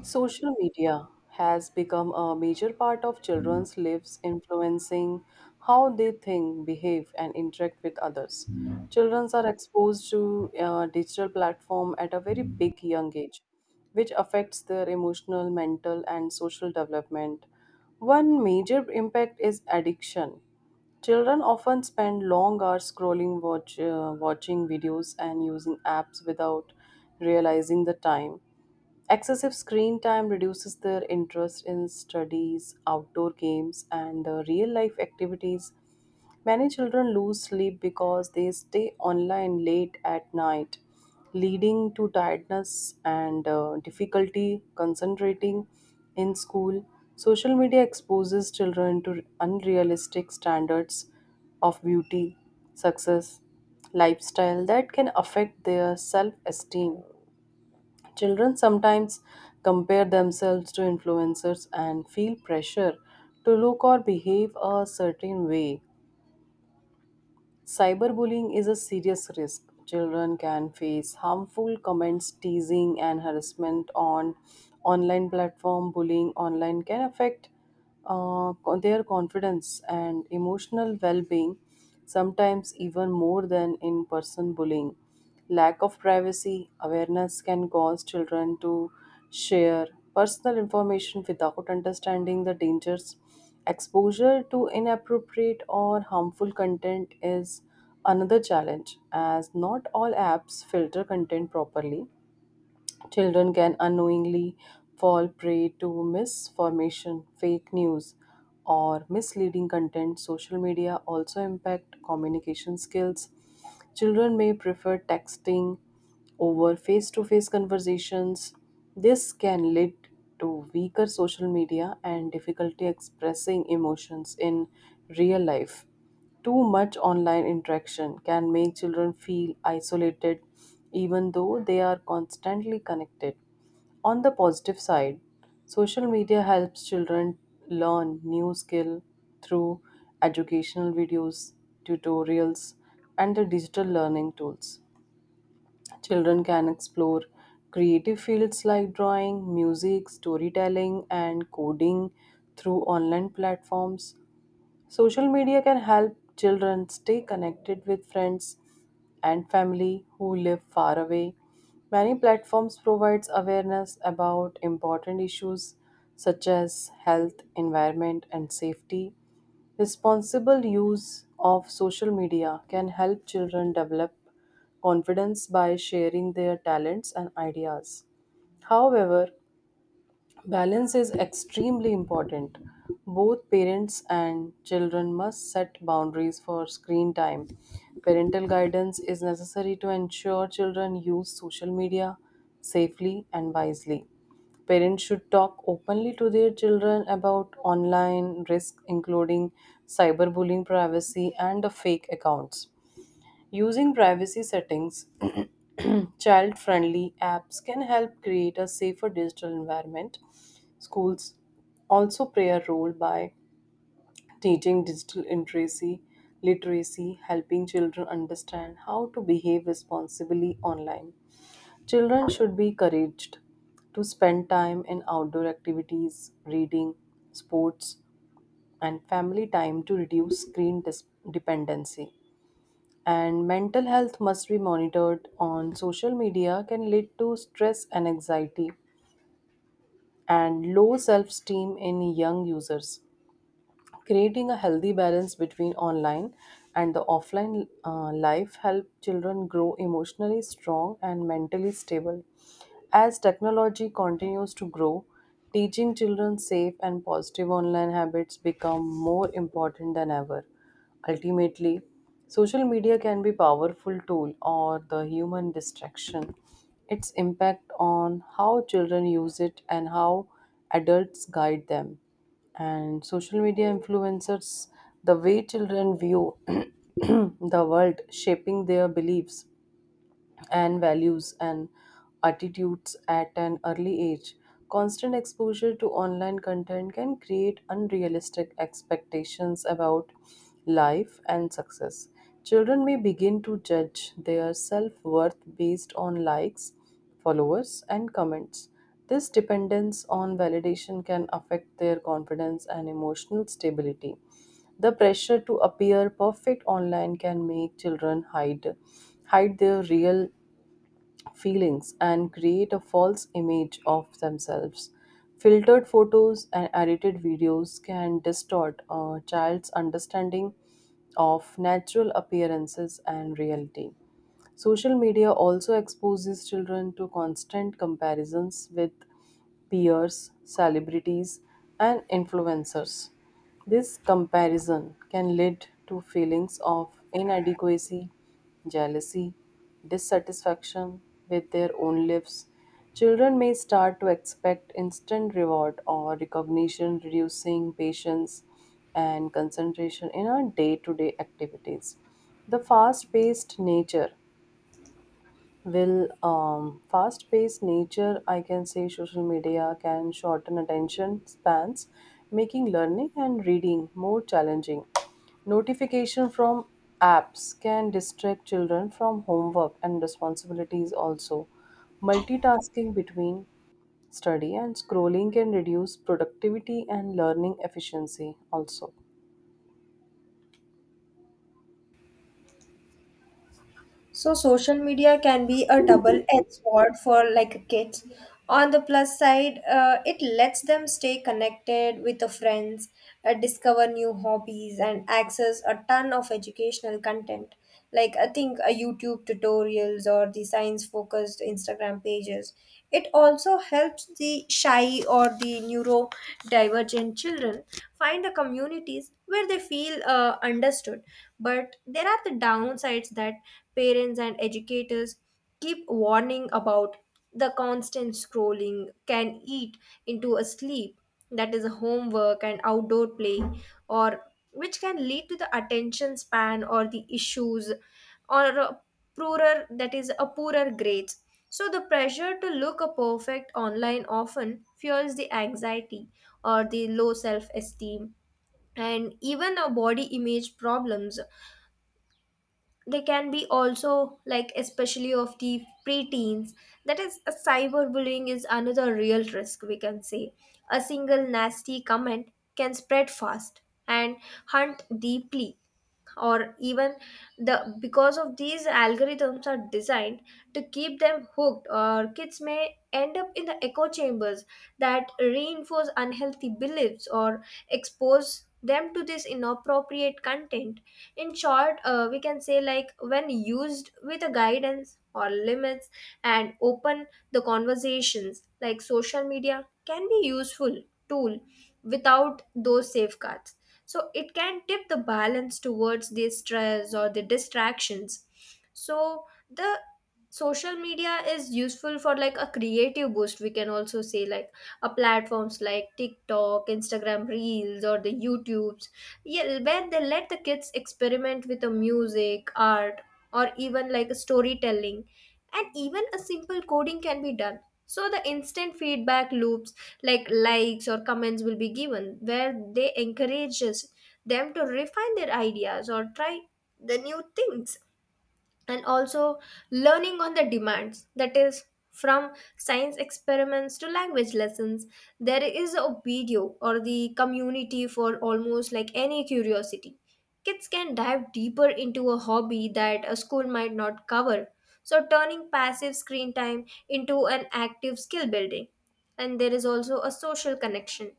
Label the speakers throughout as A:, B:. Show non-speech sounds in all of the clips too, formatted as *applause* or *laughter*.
A: Social media has become a major part of children's lives, influencing how they think, behave, and interact with others. Children are exposed to digital platform at a very big young age, which affects their emotional, mental, and social development. One major impact is addiction. Children often spend long hours scrolling, watching videos, and using apps without realizing the time. Excessive screen time reduces their interest in studies, outdoor games, and real life activities. Many children lose sleep because they stay online late at night, leading to tiredness and difficulty concentrating in school. Social media exposes children to unrealistic standards of beauty, success, lifestyle that can affect their self esteem. Children sometimes compare themselves to influencers and feel pressure to look or behave a certain way. Cyberbullying is a serious risk. Children can face harmful comments, teasing, and harassment on online platform. Bullying online can affect their confidence and emotional well-being, sometimes even more than in-person bullying. Lack of privacy awareness can cause children to share personal information without understanding the dangers. Exposure to inappropriate or harmful content is another challenge, as not all apps filter content properly. Children can unknowingly fall prey to misinformation, fake news, or misleading content. Social media also impact communication skills. Children may prefer texting over face-to-face conversations. This can lead to weaker social media and difficulty expressing emotions in real life. Too much online interaction can make children feel isolated even though they are constantly connected. On the positive side, social media helps children learn new skill through educational videos, tutorials and the digital learning tools. Children can explore creative fields like drawing, music, storytelling and coding through online platforms. Social media can help children stay connected with friends and family who live far away. Many platforms provides awareness about important issues such as health, environment and safety. Responsible use of social media can help children develop confidence by sharing their talents and ideas. However, balance is extremely important. Both parents and children must set boundaries for screen time. Parental guidance is necessary to ensure children use social media safely and wisely. Parents should talk openly to their children about online risk, including cyberbullying, privacy, and the fake accounts. Using privacy settings, *clears throat* child friendly apps can help create a safer digital environment. Schools also play a role by teaching digital literacy, helping children understand how to behave responsibly online. Children should be encouraged to spend time in outdoor activities, reading, sports, and family time to reduce dependency, and mental health must be monitored on social media can lead to stress and anxiety and low self-esteem in young users. Creating a healthy balance between online and the offline life help children grow emotionally strong and mentally stable. As technology continues to grow, teaching children safe and positive online habits become more important than ever. Ultimately, social media can be powerful tool or the human distraction. Its impact on how children use it and how adults guide them and social media influencers the way children view *clears throat* the world shaping their beliefs and values and attitudes at an early age. Constant exposure to online content can create unrealistic expectations about life and success. Children may begin to judge their self worth based on likes, followers, and comments. This dependence on validation can affect their confidence and emotional stability. The pressure to appear perfect online can make children hide their real feelings and create a false image of themselves. Filtered photos and edited videos can distort a child's understanding of natural appearances and reality. Social media also exposes children to constant comparisons with peers, celebrities, and influencers. This comparison can lead to feelings of inadequacy, jealousy, dissatisfaction with their own lives. Children may start to expect instant reward or recognition, reducing patience and concentration in our day to day activities. The fast paced nature, I can say social media can shorten attention spans, making learning and reading more challenging. Notification from apps can distract children from homework and responsibilities also. Multitasking between study and scrolling can reduce productivity and learning efficiency also.
B: So social media can be a double-edged sword for like kids. On the plus side, it lets them stay connected with the friends, discover new hobbies, and access a ton of educational content. Like I think YouTube tutorials or the science-focused Instagram pages. It also helps the shy or the neurodivergent children find the communities where they feel understood. But there are the downsides that parents and educators keep warning about the constant scrolling can eat into a sleep, that is, homework and outdoor play, or which can lead to the attention span or the issues or a poorer that is a poorer grades. So the pressure to look a perfect online often fuels the anxiety or the low self esteem and even a body image problems they can be also like especially of the preteens, that is a cyberbullying is another real risk we can say. A single nasty comment can spread fast and hunt deeply or even the because of these algorithms are designed to keep them hooked or kids may end up in the echo chambers that reinforce unhealthy beliefs or expose them to this inappropriate content. In short, we can say like when used with a guidance or limits and open the conversations like social media can be useful tool without those safeguards, so it can tip the balance towards the stress or the distractions. So the social media is useful for like a creative boost we can also say, like a platforms like TikTok, Instagram reels, or the YouTubes, yeah, where they let the kids experiment with the music art or even like storytelling and even a simple coding can be done. So the instant feedback loops like likes or comments will be given where they encourages them to refine their ideas or try the new things. And also learning on the demands, that is, from science experiments to language lessons, there is a video or the community for almost like any curiosity. Kids can dive deeper into a hobby that a school might not cover, so turning passive screen time into an active skill building. And there is also a social connection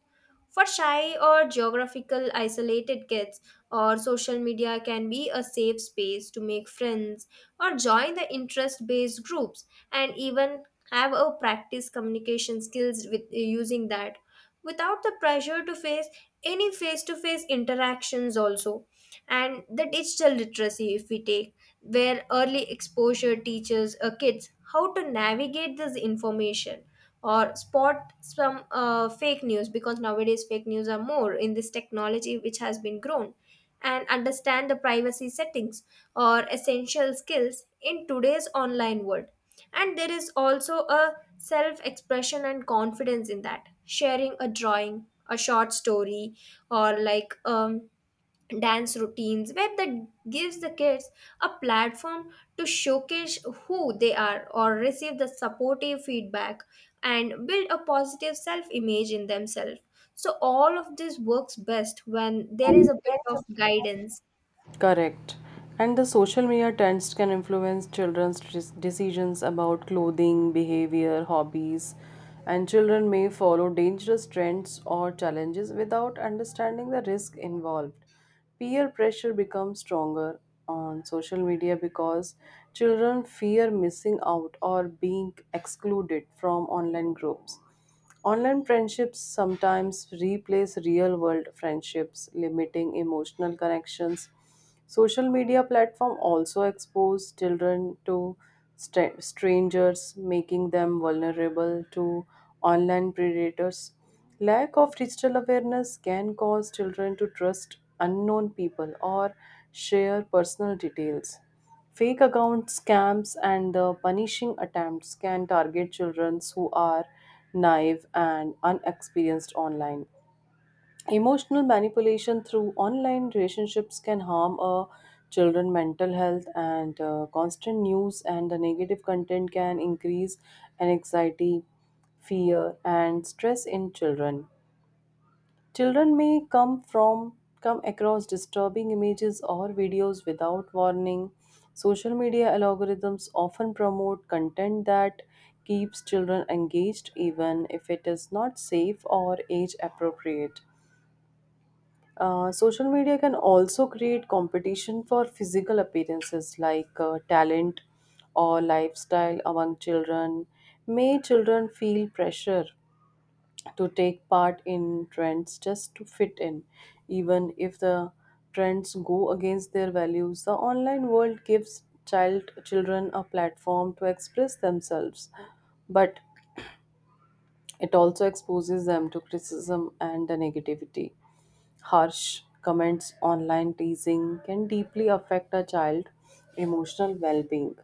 B: for shy or geographical isolated kids, or social media can be a safe space to make friends or join the interest based groups and even have a practice communication skills with using that without the pressure to face any face to face interactions also. And the digital literacy if we take, where early exposure teaches kids how to navigate this information or spot some fake news because nowadays fake news are more in this technology which has been grown and understand the privacy settings or essential skills in today's online world. And there is also a self expression and confidence in that sharing a drawing a short story or like dance routines where that gives the kids a platform to showcase who they are or receive the supportive feedback and build a positive self image in themselves. So all of this works best when there is a bit of guidance.
A: Correct. And the social media trends can influence children's decisions about clothing, behavior, hobbies, and children may follow dangerous trends or challenges without understanding the risk involved. Peer pressure becomes stronger on social media because children fear missing out or being excluded from online groups. Online friendships sometimes replace real world friendships, limiting emotional connections. Social media platform also expose children to strangers, making them vulnerable to online predators. Lack of digital awareness can cause children to trust unknown people or share personal details. Fake account scams and the punishing attempts can target children who are naive and unexperienced online. Emotional manipulation through online relationships can harm a children mental health, and constant news and the negative content can increase anxiety, fear and stress in children. Children may come across disturbing images or videos without warning. Social media algorithms often promote content that keeps children engaged even if it is not safe or age appropriate. Social media can also create competition for physical appearances like talent or lifestyle among children. May children feel pressure to take part in trends just to fit in even if the trends go against their values, the online world gives children a platform to express themselves, but it also exposes them to criticism and the negativity. Harsh comments, online teasing can deeply affect a child's emotional well being.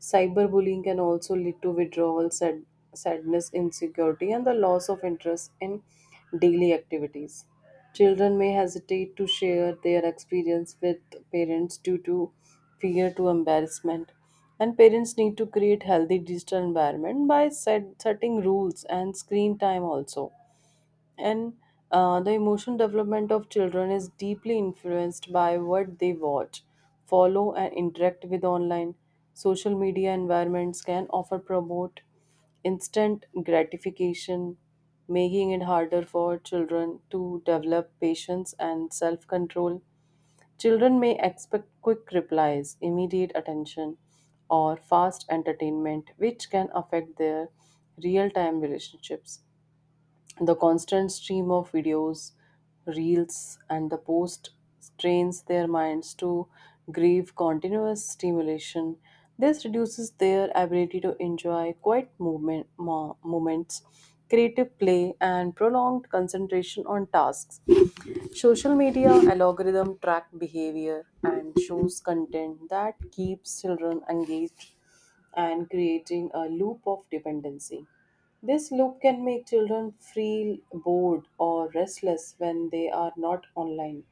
A: Cyberbullying can also lead to withdrawal, sadness, insecurity, and the loss of interest in daily activities. Children may hesitate to share their experience with parents due to fear to embarrassment. And parents need to create healthy digital environment by setting rules and screen time also, and the emotional development of children is deeply influenced by what they watch, follow, and interact with online. Social media environments can offer promote instant gratification, making it harder for children to develop patience and self control. Children may expect quick replies, immediate attention, or fast entertainment, which can affect their real time relationships. The constant stream of videos, reels, and the post strains their minds to grieve continuous stimulation. This reduces their ability to enjoy quiet moments, creative play, and prolonged concentration on tasks. Social media algorithm track behavior and shows content that keeps children engaged and creating a loop of dependency. This loop can make children feel bored or restless when they are not online.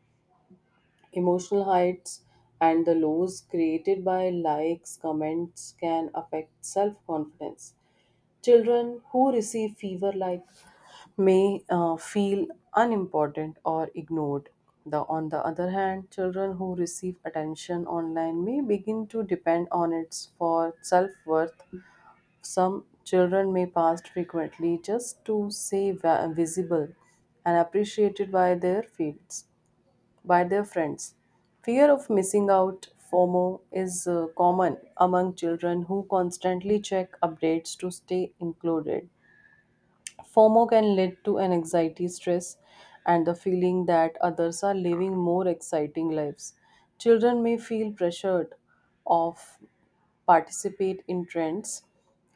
A: Emotional heights and the lows created by likes, comments can affect self confidence. Children who receive fever like may feel unimportant or ignored. The, on the other hand, children who receive attention online may begin to depend on it for self worth. Some children may pass frequently just to stay visible and appreciated by their friends. Fear of missing out, FOMO, is common among children who constantly check updates to stay included. FOMO can lead to an anxiety stress and the feeling that others are living more exciting lives. Children may feel pressured of participate in trends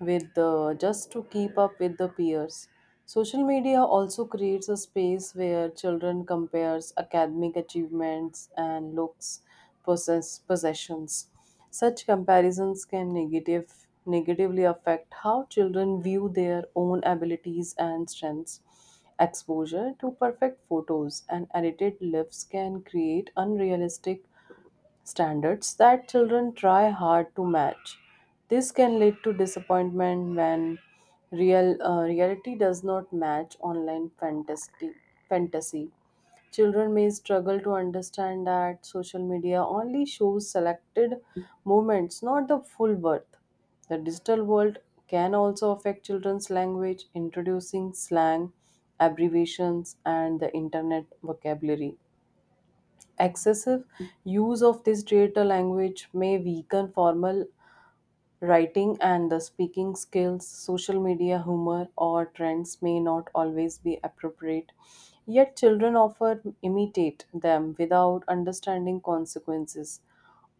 A: with just to keep up with the peers. Social media also creates a space where children compares academic achievements and looks possessions. Such comparisons can negatively affect how children view their own abilities and strengths. Exposure to perfect photos and edited lives can create unrealistic standards that children try hard to match. This can lead to disappointment when reality does not match online fantasy. Fantasy. Children may struggle to understand that social media only shows selected moments, not the full birth. The digital world can also affect children's language, introducing slang, abbreviations, and the internet vocabulary. Excessive use of this digital language may weaken formal writing and the speaking skills. Social media humor or trends may not always be appropriate. Yet, children often imitate them without understanding consequences.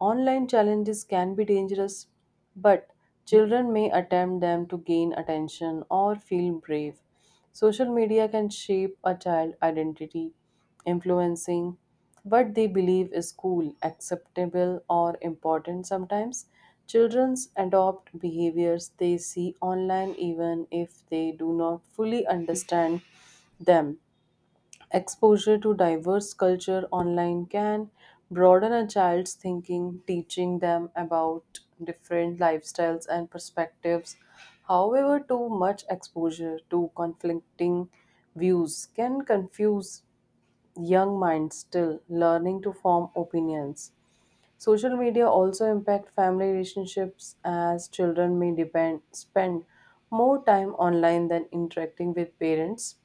A: Online challenges can be dangerous, but children may attempt them to gain attention or feel brave. Social media can shape a child identity, influencing what they believe is cool, acceptable, or important. Sometimes children adopt behaviors they see online, even if they do not fully understand them. Exposure to diverse culture online can broaden a child's thinking, teaching them about different lifestyles and perspectives. However, too much exposure to conflicting views can confuse young minds still learning to form opinions. Social media also impact family relationships as children may depend spend more time online than interacting with parents,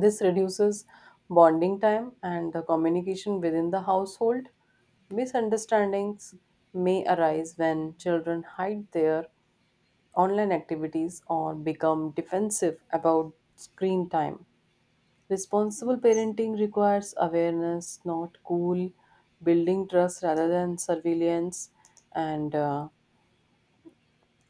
A: this reduces bonding time and the communication within the household. Misunderstandings may arise when children hide their online activities or become defensive about screen time. Responsible parenting requires awareness, not cool, building trust rather than surveillance, and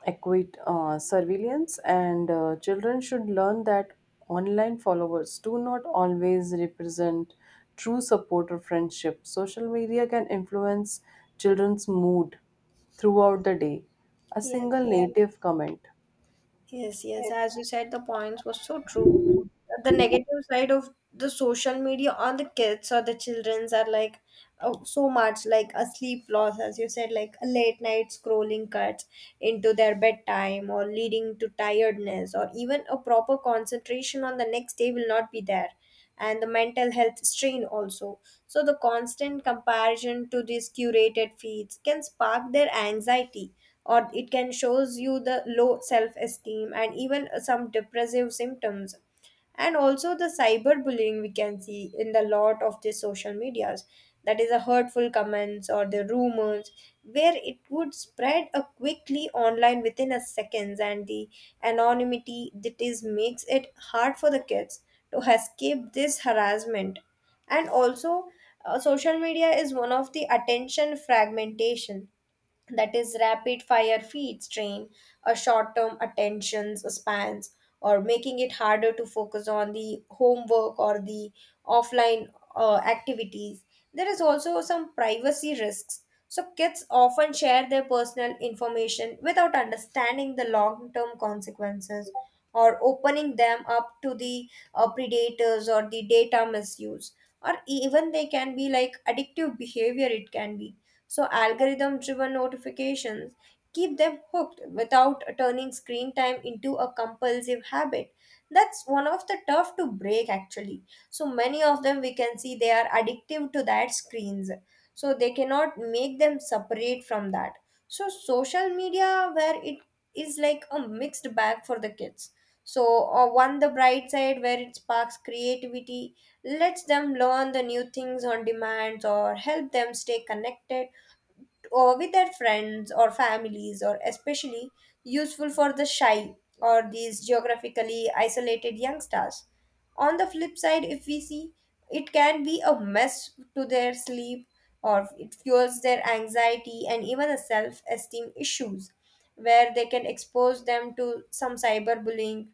A: equate surveillance, and children should learn that online followers do not always represent true support or friendship. Social media can influence children's mood throughout the day. A single
B: Yes.
A: native comment.
B: Yes, yes. As you said, the points was so true. The negative side of the social media on the kids or the childrens are like, oh, so much like a sleep loss, as you said, like a late night scrolling cuts into their bedtime or leading to tiredness or even a proper concentration on the next day will not be there and the mental health strain also. So, the constant comparison to these curated feeds can spark their anxiety or it can shows you the low self esteem and even some depressive symptoms. And also the cyberbullying we can see in the lot of the social medias, that is a hurtful comments or the rumors where it would spread a quickly online within a seconds, and the anonymity that is makes it hard for the kids to escape this harassment. And also social media is one of the attention fragmentation, that is rapid fire feeds strain, a short term attention spans, or making it harder to focus on the homework or the offline activities. There is also some privacy risks, so kids often share their personal information without understanding the long term consequences or opening them up to the predators or the data misuse. Or even they can be like addictive behavior it can be. So, algorithm driven notifications keep them hooked without turning screen time into a compulsive habit. That's one of the tough to break actually. So, many of them we can see they are addictive to that screens. So, they cannot make them separate from that. So, social media, where it is like a mixed bag for the kids. So, one the bright side where it sparks creativity, lets them learn the new things on demand or help them stay connected or with their friends or families or especially useful for the shy or these geographically isolated youngsters. On the flip side if we see, it can be a mess to their sleep or it fuels their anxiety and even a self-esteem issues where they can expose them to some cyberbullying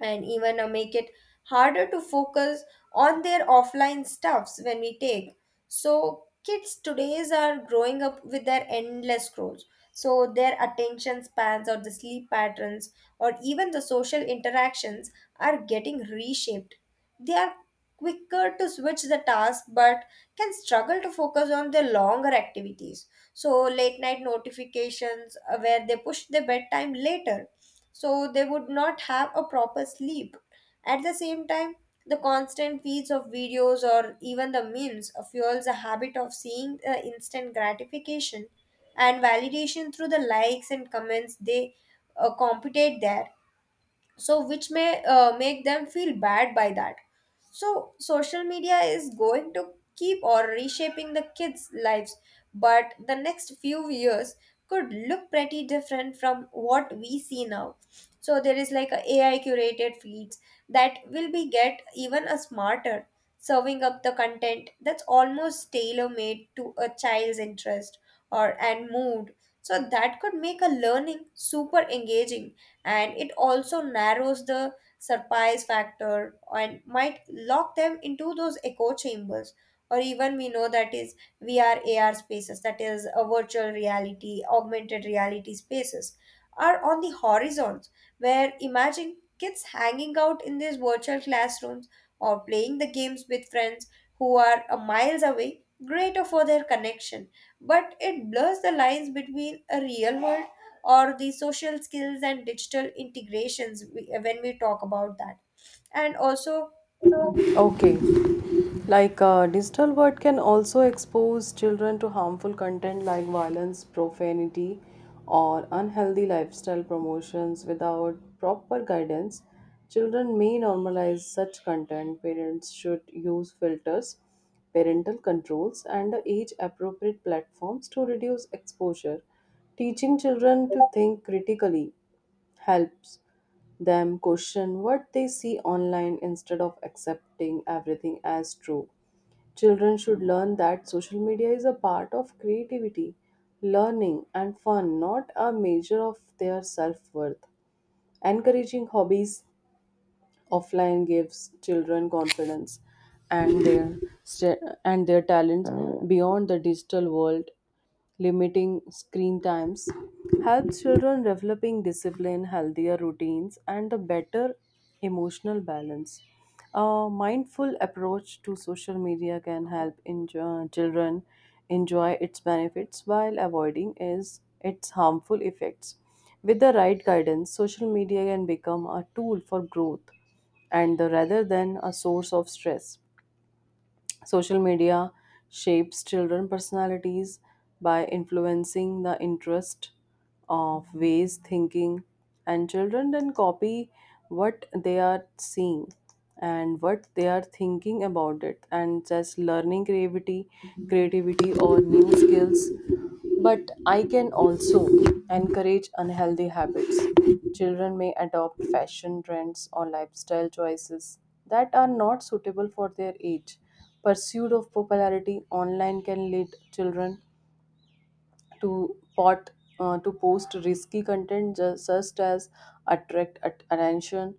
B: and even make it harder to focus on their offline stuffs when we take. So kids today's are growing up with their endless scrolls, so their attention spans or the sleep patterns or even the social interactions are getting reshaped. They are quicker to switch the task but can struggle to focus on their longer activities. So late night notifications, where they push their bedtime later, so they would not have a proper sleep. At the same time, the constant feeds of videos or even the memes fuels a habit of seeing instant gratification and validation through the likes and comments they compete there, so which may make them feel bad by that. So social media is going to keep or reshaping the kids lives but the next few years could look pretty different from what we see now. So there is like a AI curated feeds that will be get even a smarter serving up the content that's almost tailor made to a child's interest or and mood. So that could make a learning super engaging, and it also narrows the surprise factor and might lock them into those echo chambers. Or even we know that is VR AR spaces, that is a virtual reality augmented reality spaces are on the horizons, where imagine kids hanging out in these virtual classrooms or playing the games with friends who are a miles away greater for their connection, but it blurs the lines between a real world or the social skills and digital integrations when we talk about that, and also.
A: Okay. Digital world can also expose children to harmful content like violence, profanity, or unhealthy lifestyle promotions without proper guidance. Children may normalize such content. Parents should use filters, parental controls, and age appropriate platforms to reduce exposure. Teaching children to think critically helps them question what they see online instead of accepting everything as true. Children should learn that social media is a part of creativity, learning, and fun, not a measure of their self worth. Encouraging hobbies offline gives children confidence and their talents beyond the digital world. Limiting screen times helps children developing discipline, healthier routines, and a better emotional balance. A mindful approach to social media can children enjoy its benefits while avoiding is its harmful effects. With the right guidance, social media can become a tool for growth rather than a source of stress. Social media shapes children personalities by influencing the interest of ways thinking, and children then copy what they are seeing and what they are thinking about it and just learning creativity or new skills, but I can also encourage unhealthy habits. Children may adopt fashion trends or lifestyle choices that are not suitable for their age. Pursuit of popularity online can lead children to pot to post risky content just as attract attention.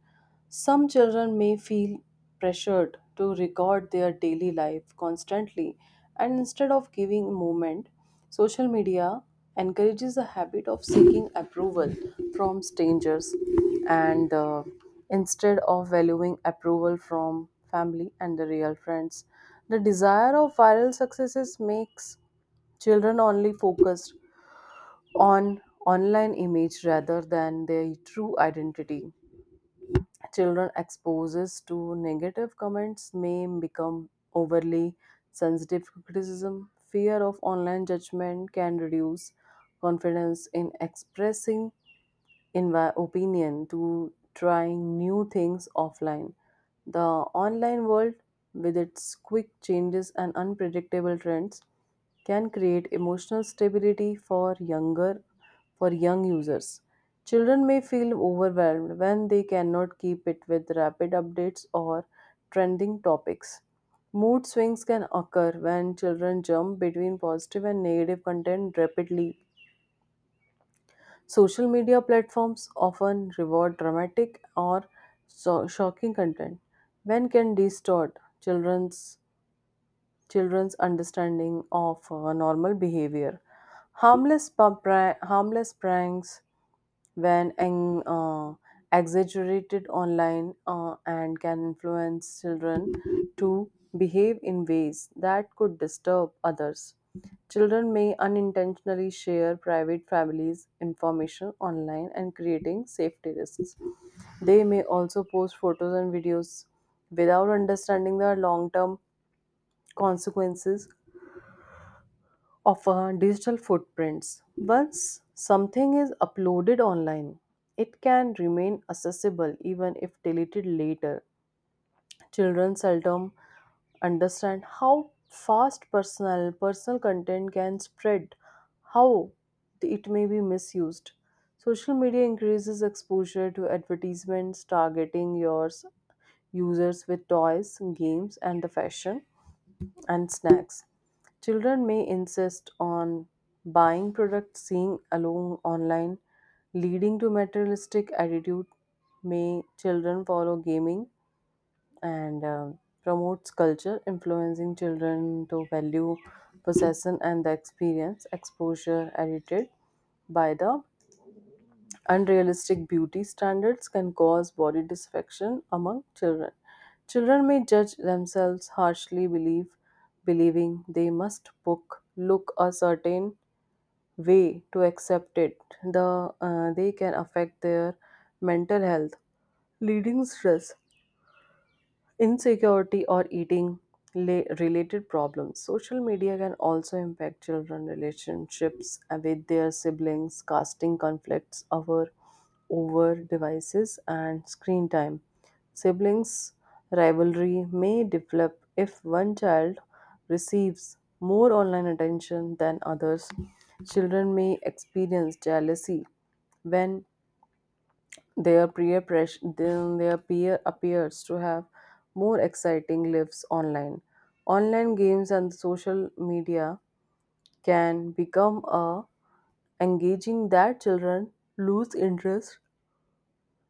A: Some children may feel pressured to record their daily life constantly and instead of giving moment, social media encourages the habit of seeking approval from strangers, and instead of valuing approval from family and the real friends. The desire of viral successes makes children only focused on online image rather than their true identity. Children exposes to negative comments may become overly sensitive to criticism. Fear of online judgment can reduce confidence in expressing, in my opinion, to trying new things offline. The online world, with its quick changes and unpredictable trends, can create emotional stability for younger for young users. Children may feel overwhelmed when they cannot keep it with rapid updates or trending topics. Mood swings can occur when children jump between positive and negative content rapidly. Social media platforms often reward dramatic or shocking content, when can distort children's understanding of normal behavior. Harmless, harmless pranks, when an, exaggerated online and can influence children to behave in ways that could disturb others. Children may unintentionally share private families' information online and creating safety risks. They may also post photos and videos without understanding their long term consequences of our digital footprints. Once something is uploaded online, it can remain accessible even if deleted later. Children seldom understand how fast personal content can spread, how it may be misused. Social media increases exposure to advertisements targeting your users with toys, games, and the fashion and snacks. Children may insist on buying products seen alone online, leading to materialistic attitude. May children follow gaming and promotes culture, influencing children to value possession and the experience exposure edited by the. Unrealistic beauty standards can cause body dysfunction among children. Children may judge themselves harshly, believing they look a certain way to accept it. They can affect their mental health, leading stress, insecurity, or eating related problems. Social media can also impact children relationships with their siblings, casting conflicts over devices and screen time. Siblings rivalry may develop if one child receives more online attention than others. Children may experience jealousy when then their peer appears to have more exciting lives online. Online games and social media can become a engaging that children lose interest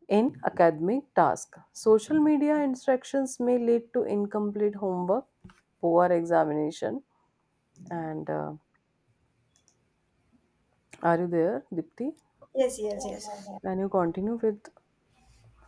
A: in academic tasks. Social media interactions may lead to incomplete homework, poor examination, and are you there, Dipti?
B: Yes, yes, yes.
A: Can you continue with?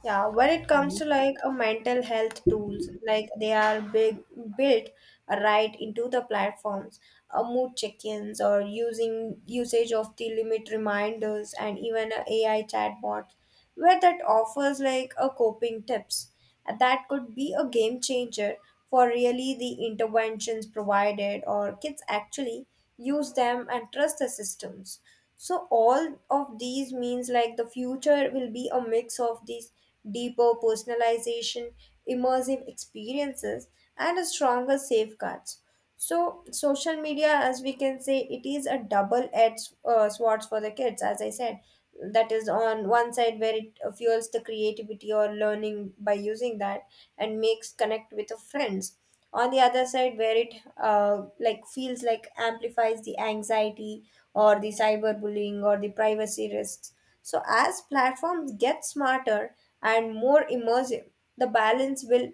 B: Yeah, when it comes to like a mental health tools, like they are big built right into the platforms, a mood check-ins or using usage of the limit reminders and even a AI chatbot, where that offers like a coping tips. And that could be a game changer for really the interventions provided or kids actually use them and trust the systems. So all of these means like the future will be a mix of these deeper personalization, immersive experiences and a stronger safeguards. So social media, as we can say, it is a double edged sword for the kids as I said, that is on one side where it fuels the creativity or learning by using that and makes connect with the friends. On the other side where it like feels like amplifies the anxiety or the cyberbullying or the privacy risks. So as platforms get smarter and more immersive the balance will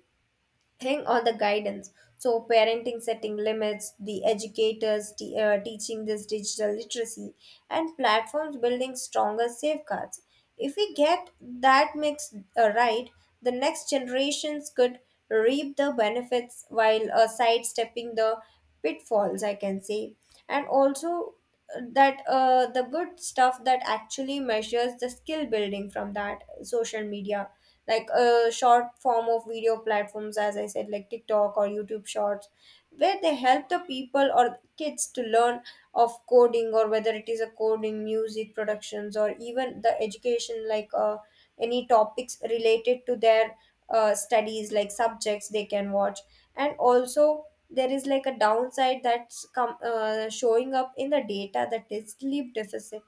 B: thing or the guidance. So parenting setting limits, the educators teaching this digital literacy and platforms building stronger safeguards, if we get that mix right the next generations could reap the benefits while sidestepping the pitfalls I can say. And also that the good stuff that actually measures the skill building from that social media like a short form of video platforms as I said like TikTok or YouTube shorts where they help the people or kids to learn of coding or whether it is a coding music productions or even the education like any topics related to their studies like subjects they can watch. And also there is like a downside that's come showing up in the data, that is sleep deficit.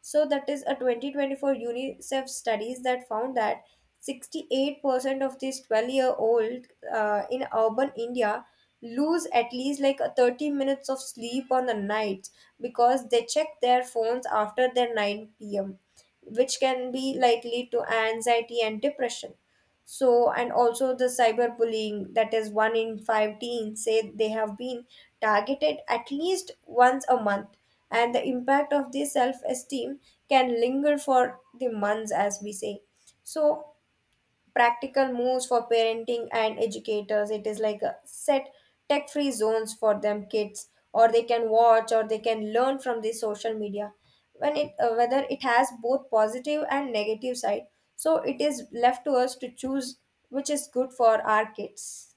B: So that is a 2024 UNICEF studies that found that 68% of these 12-year-old in urban India lose at least like 30 minutes of sleep on the nights because they check their phones after their 9 p.m. which can be like lead to anxiety and depression. So and also the cyberbullying, that is one in five teens say they have been targeted at least once a month and the impact of this self-esteem can linger for the months as we say. So practical moves for parenting and educators. It is like a set tech free zones for them kids, or they can watch or they can learn from the social media. When it whether it has both positive and negative side, so it is left to us to choose which is good for our kids.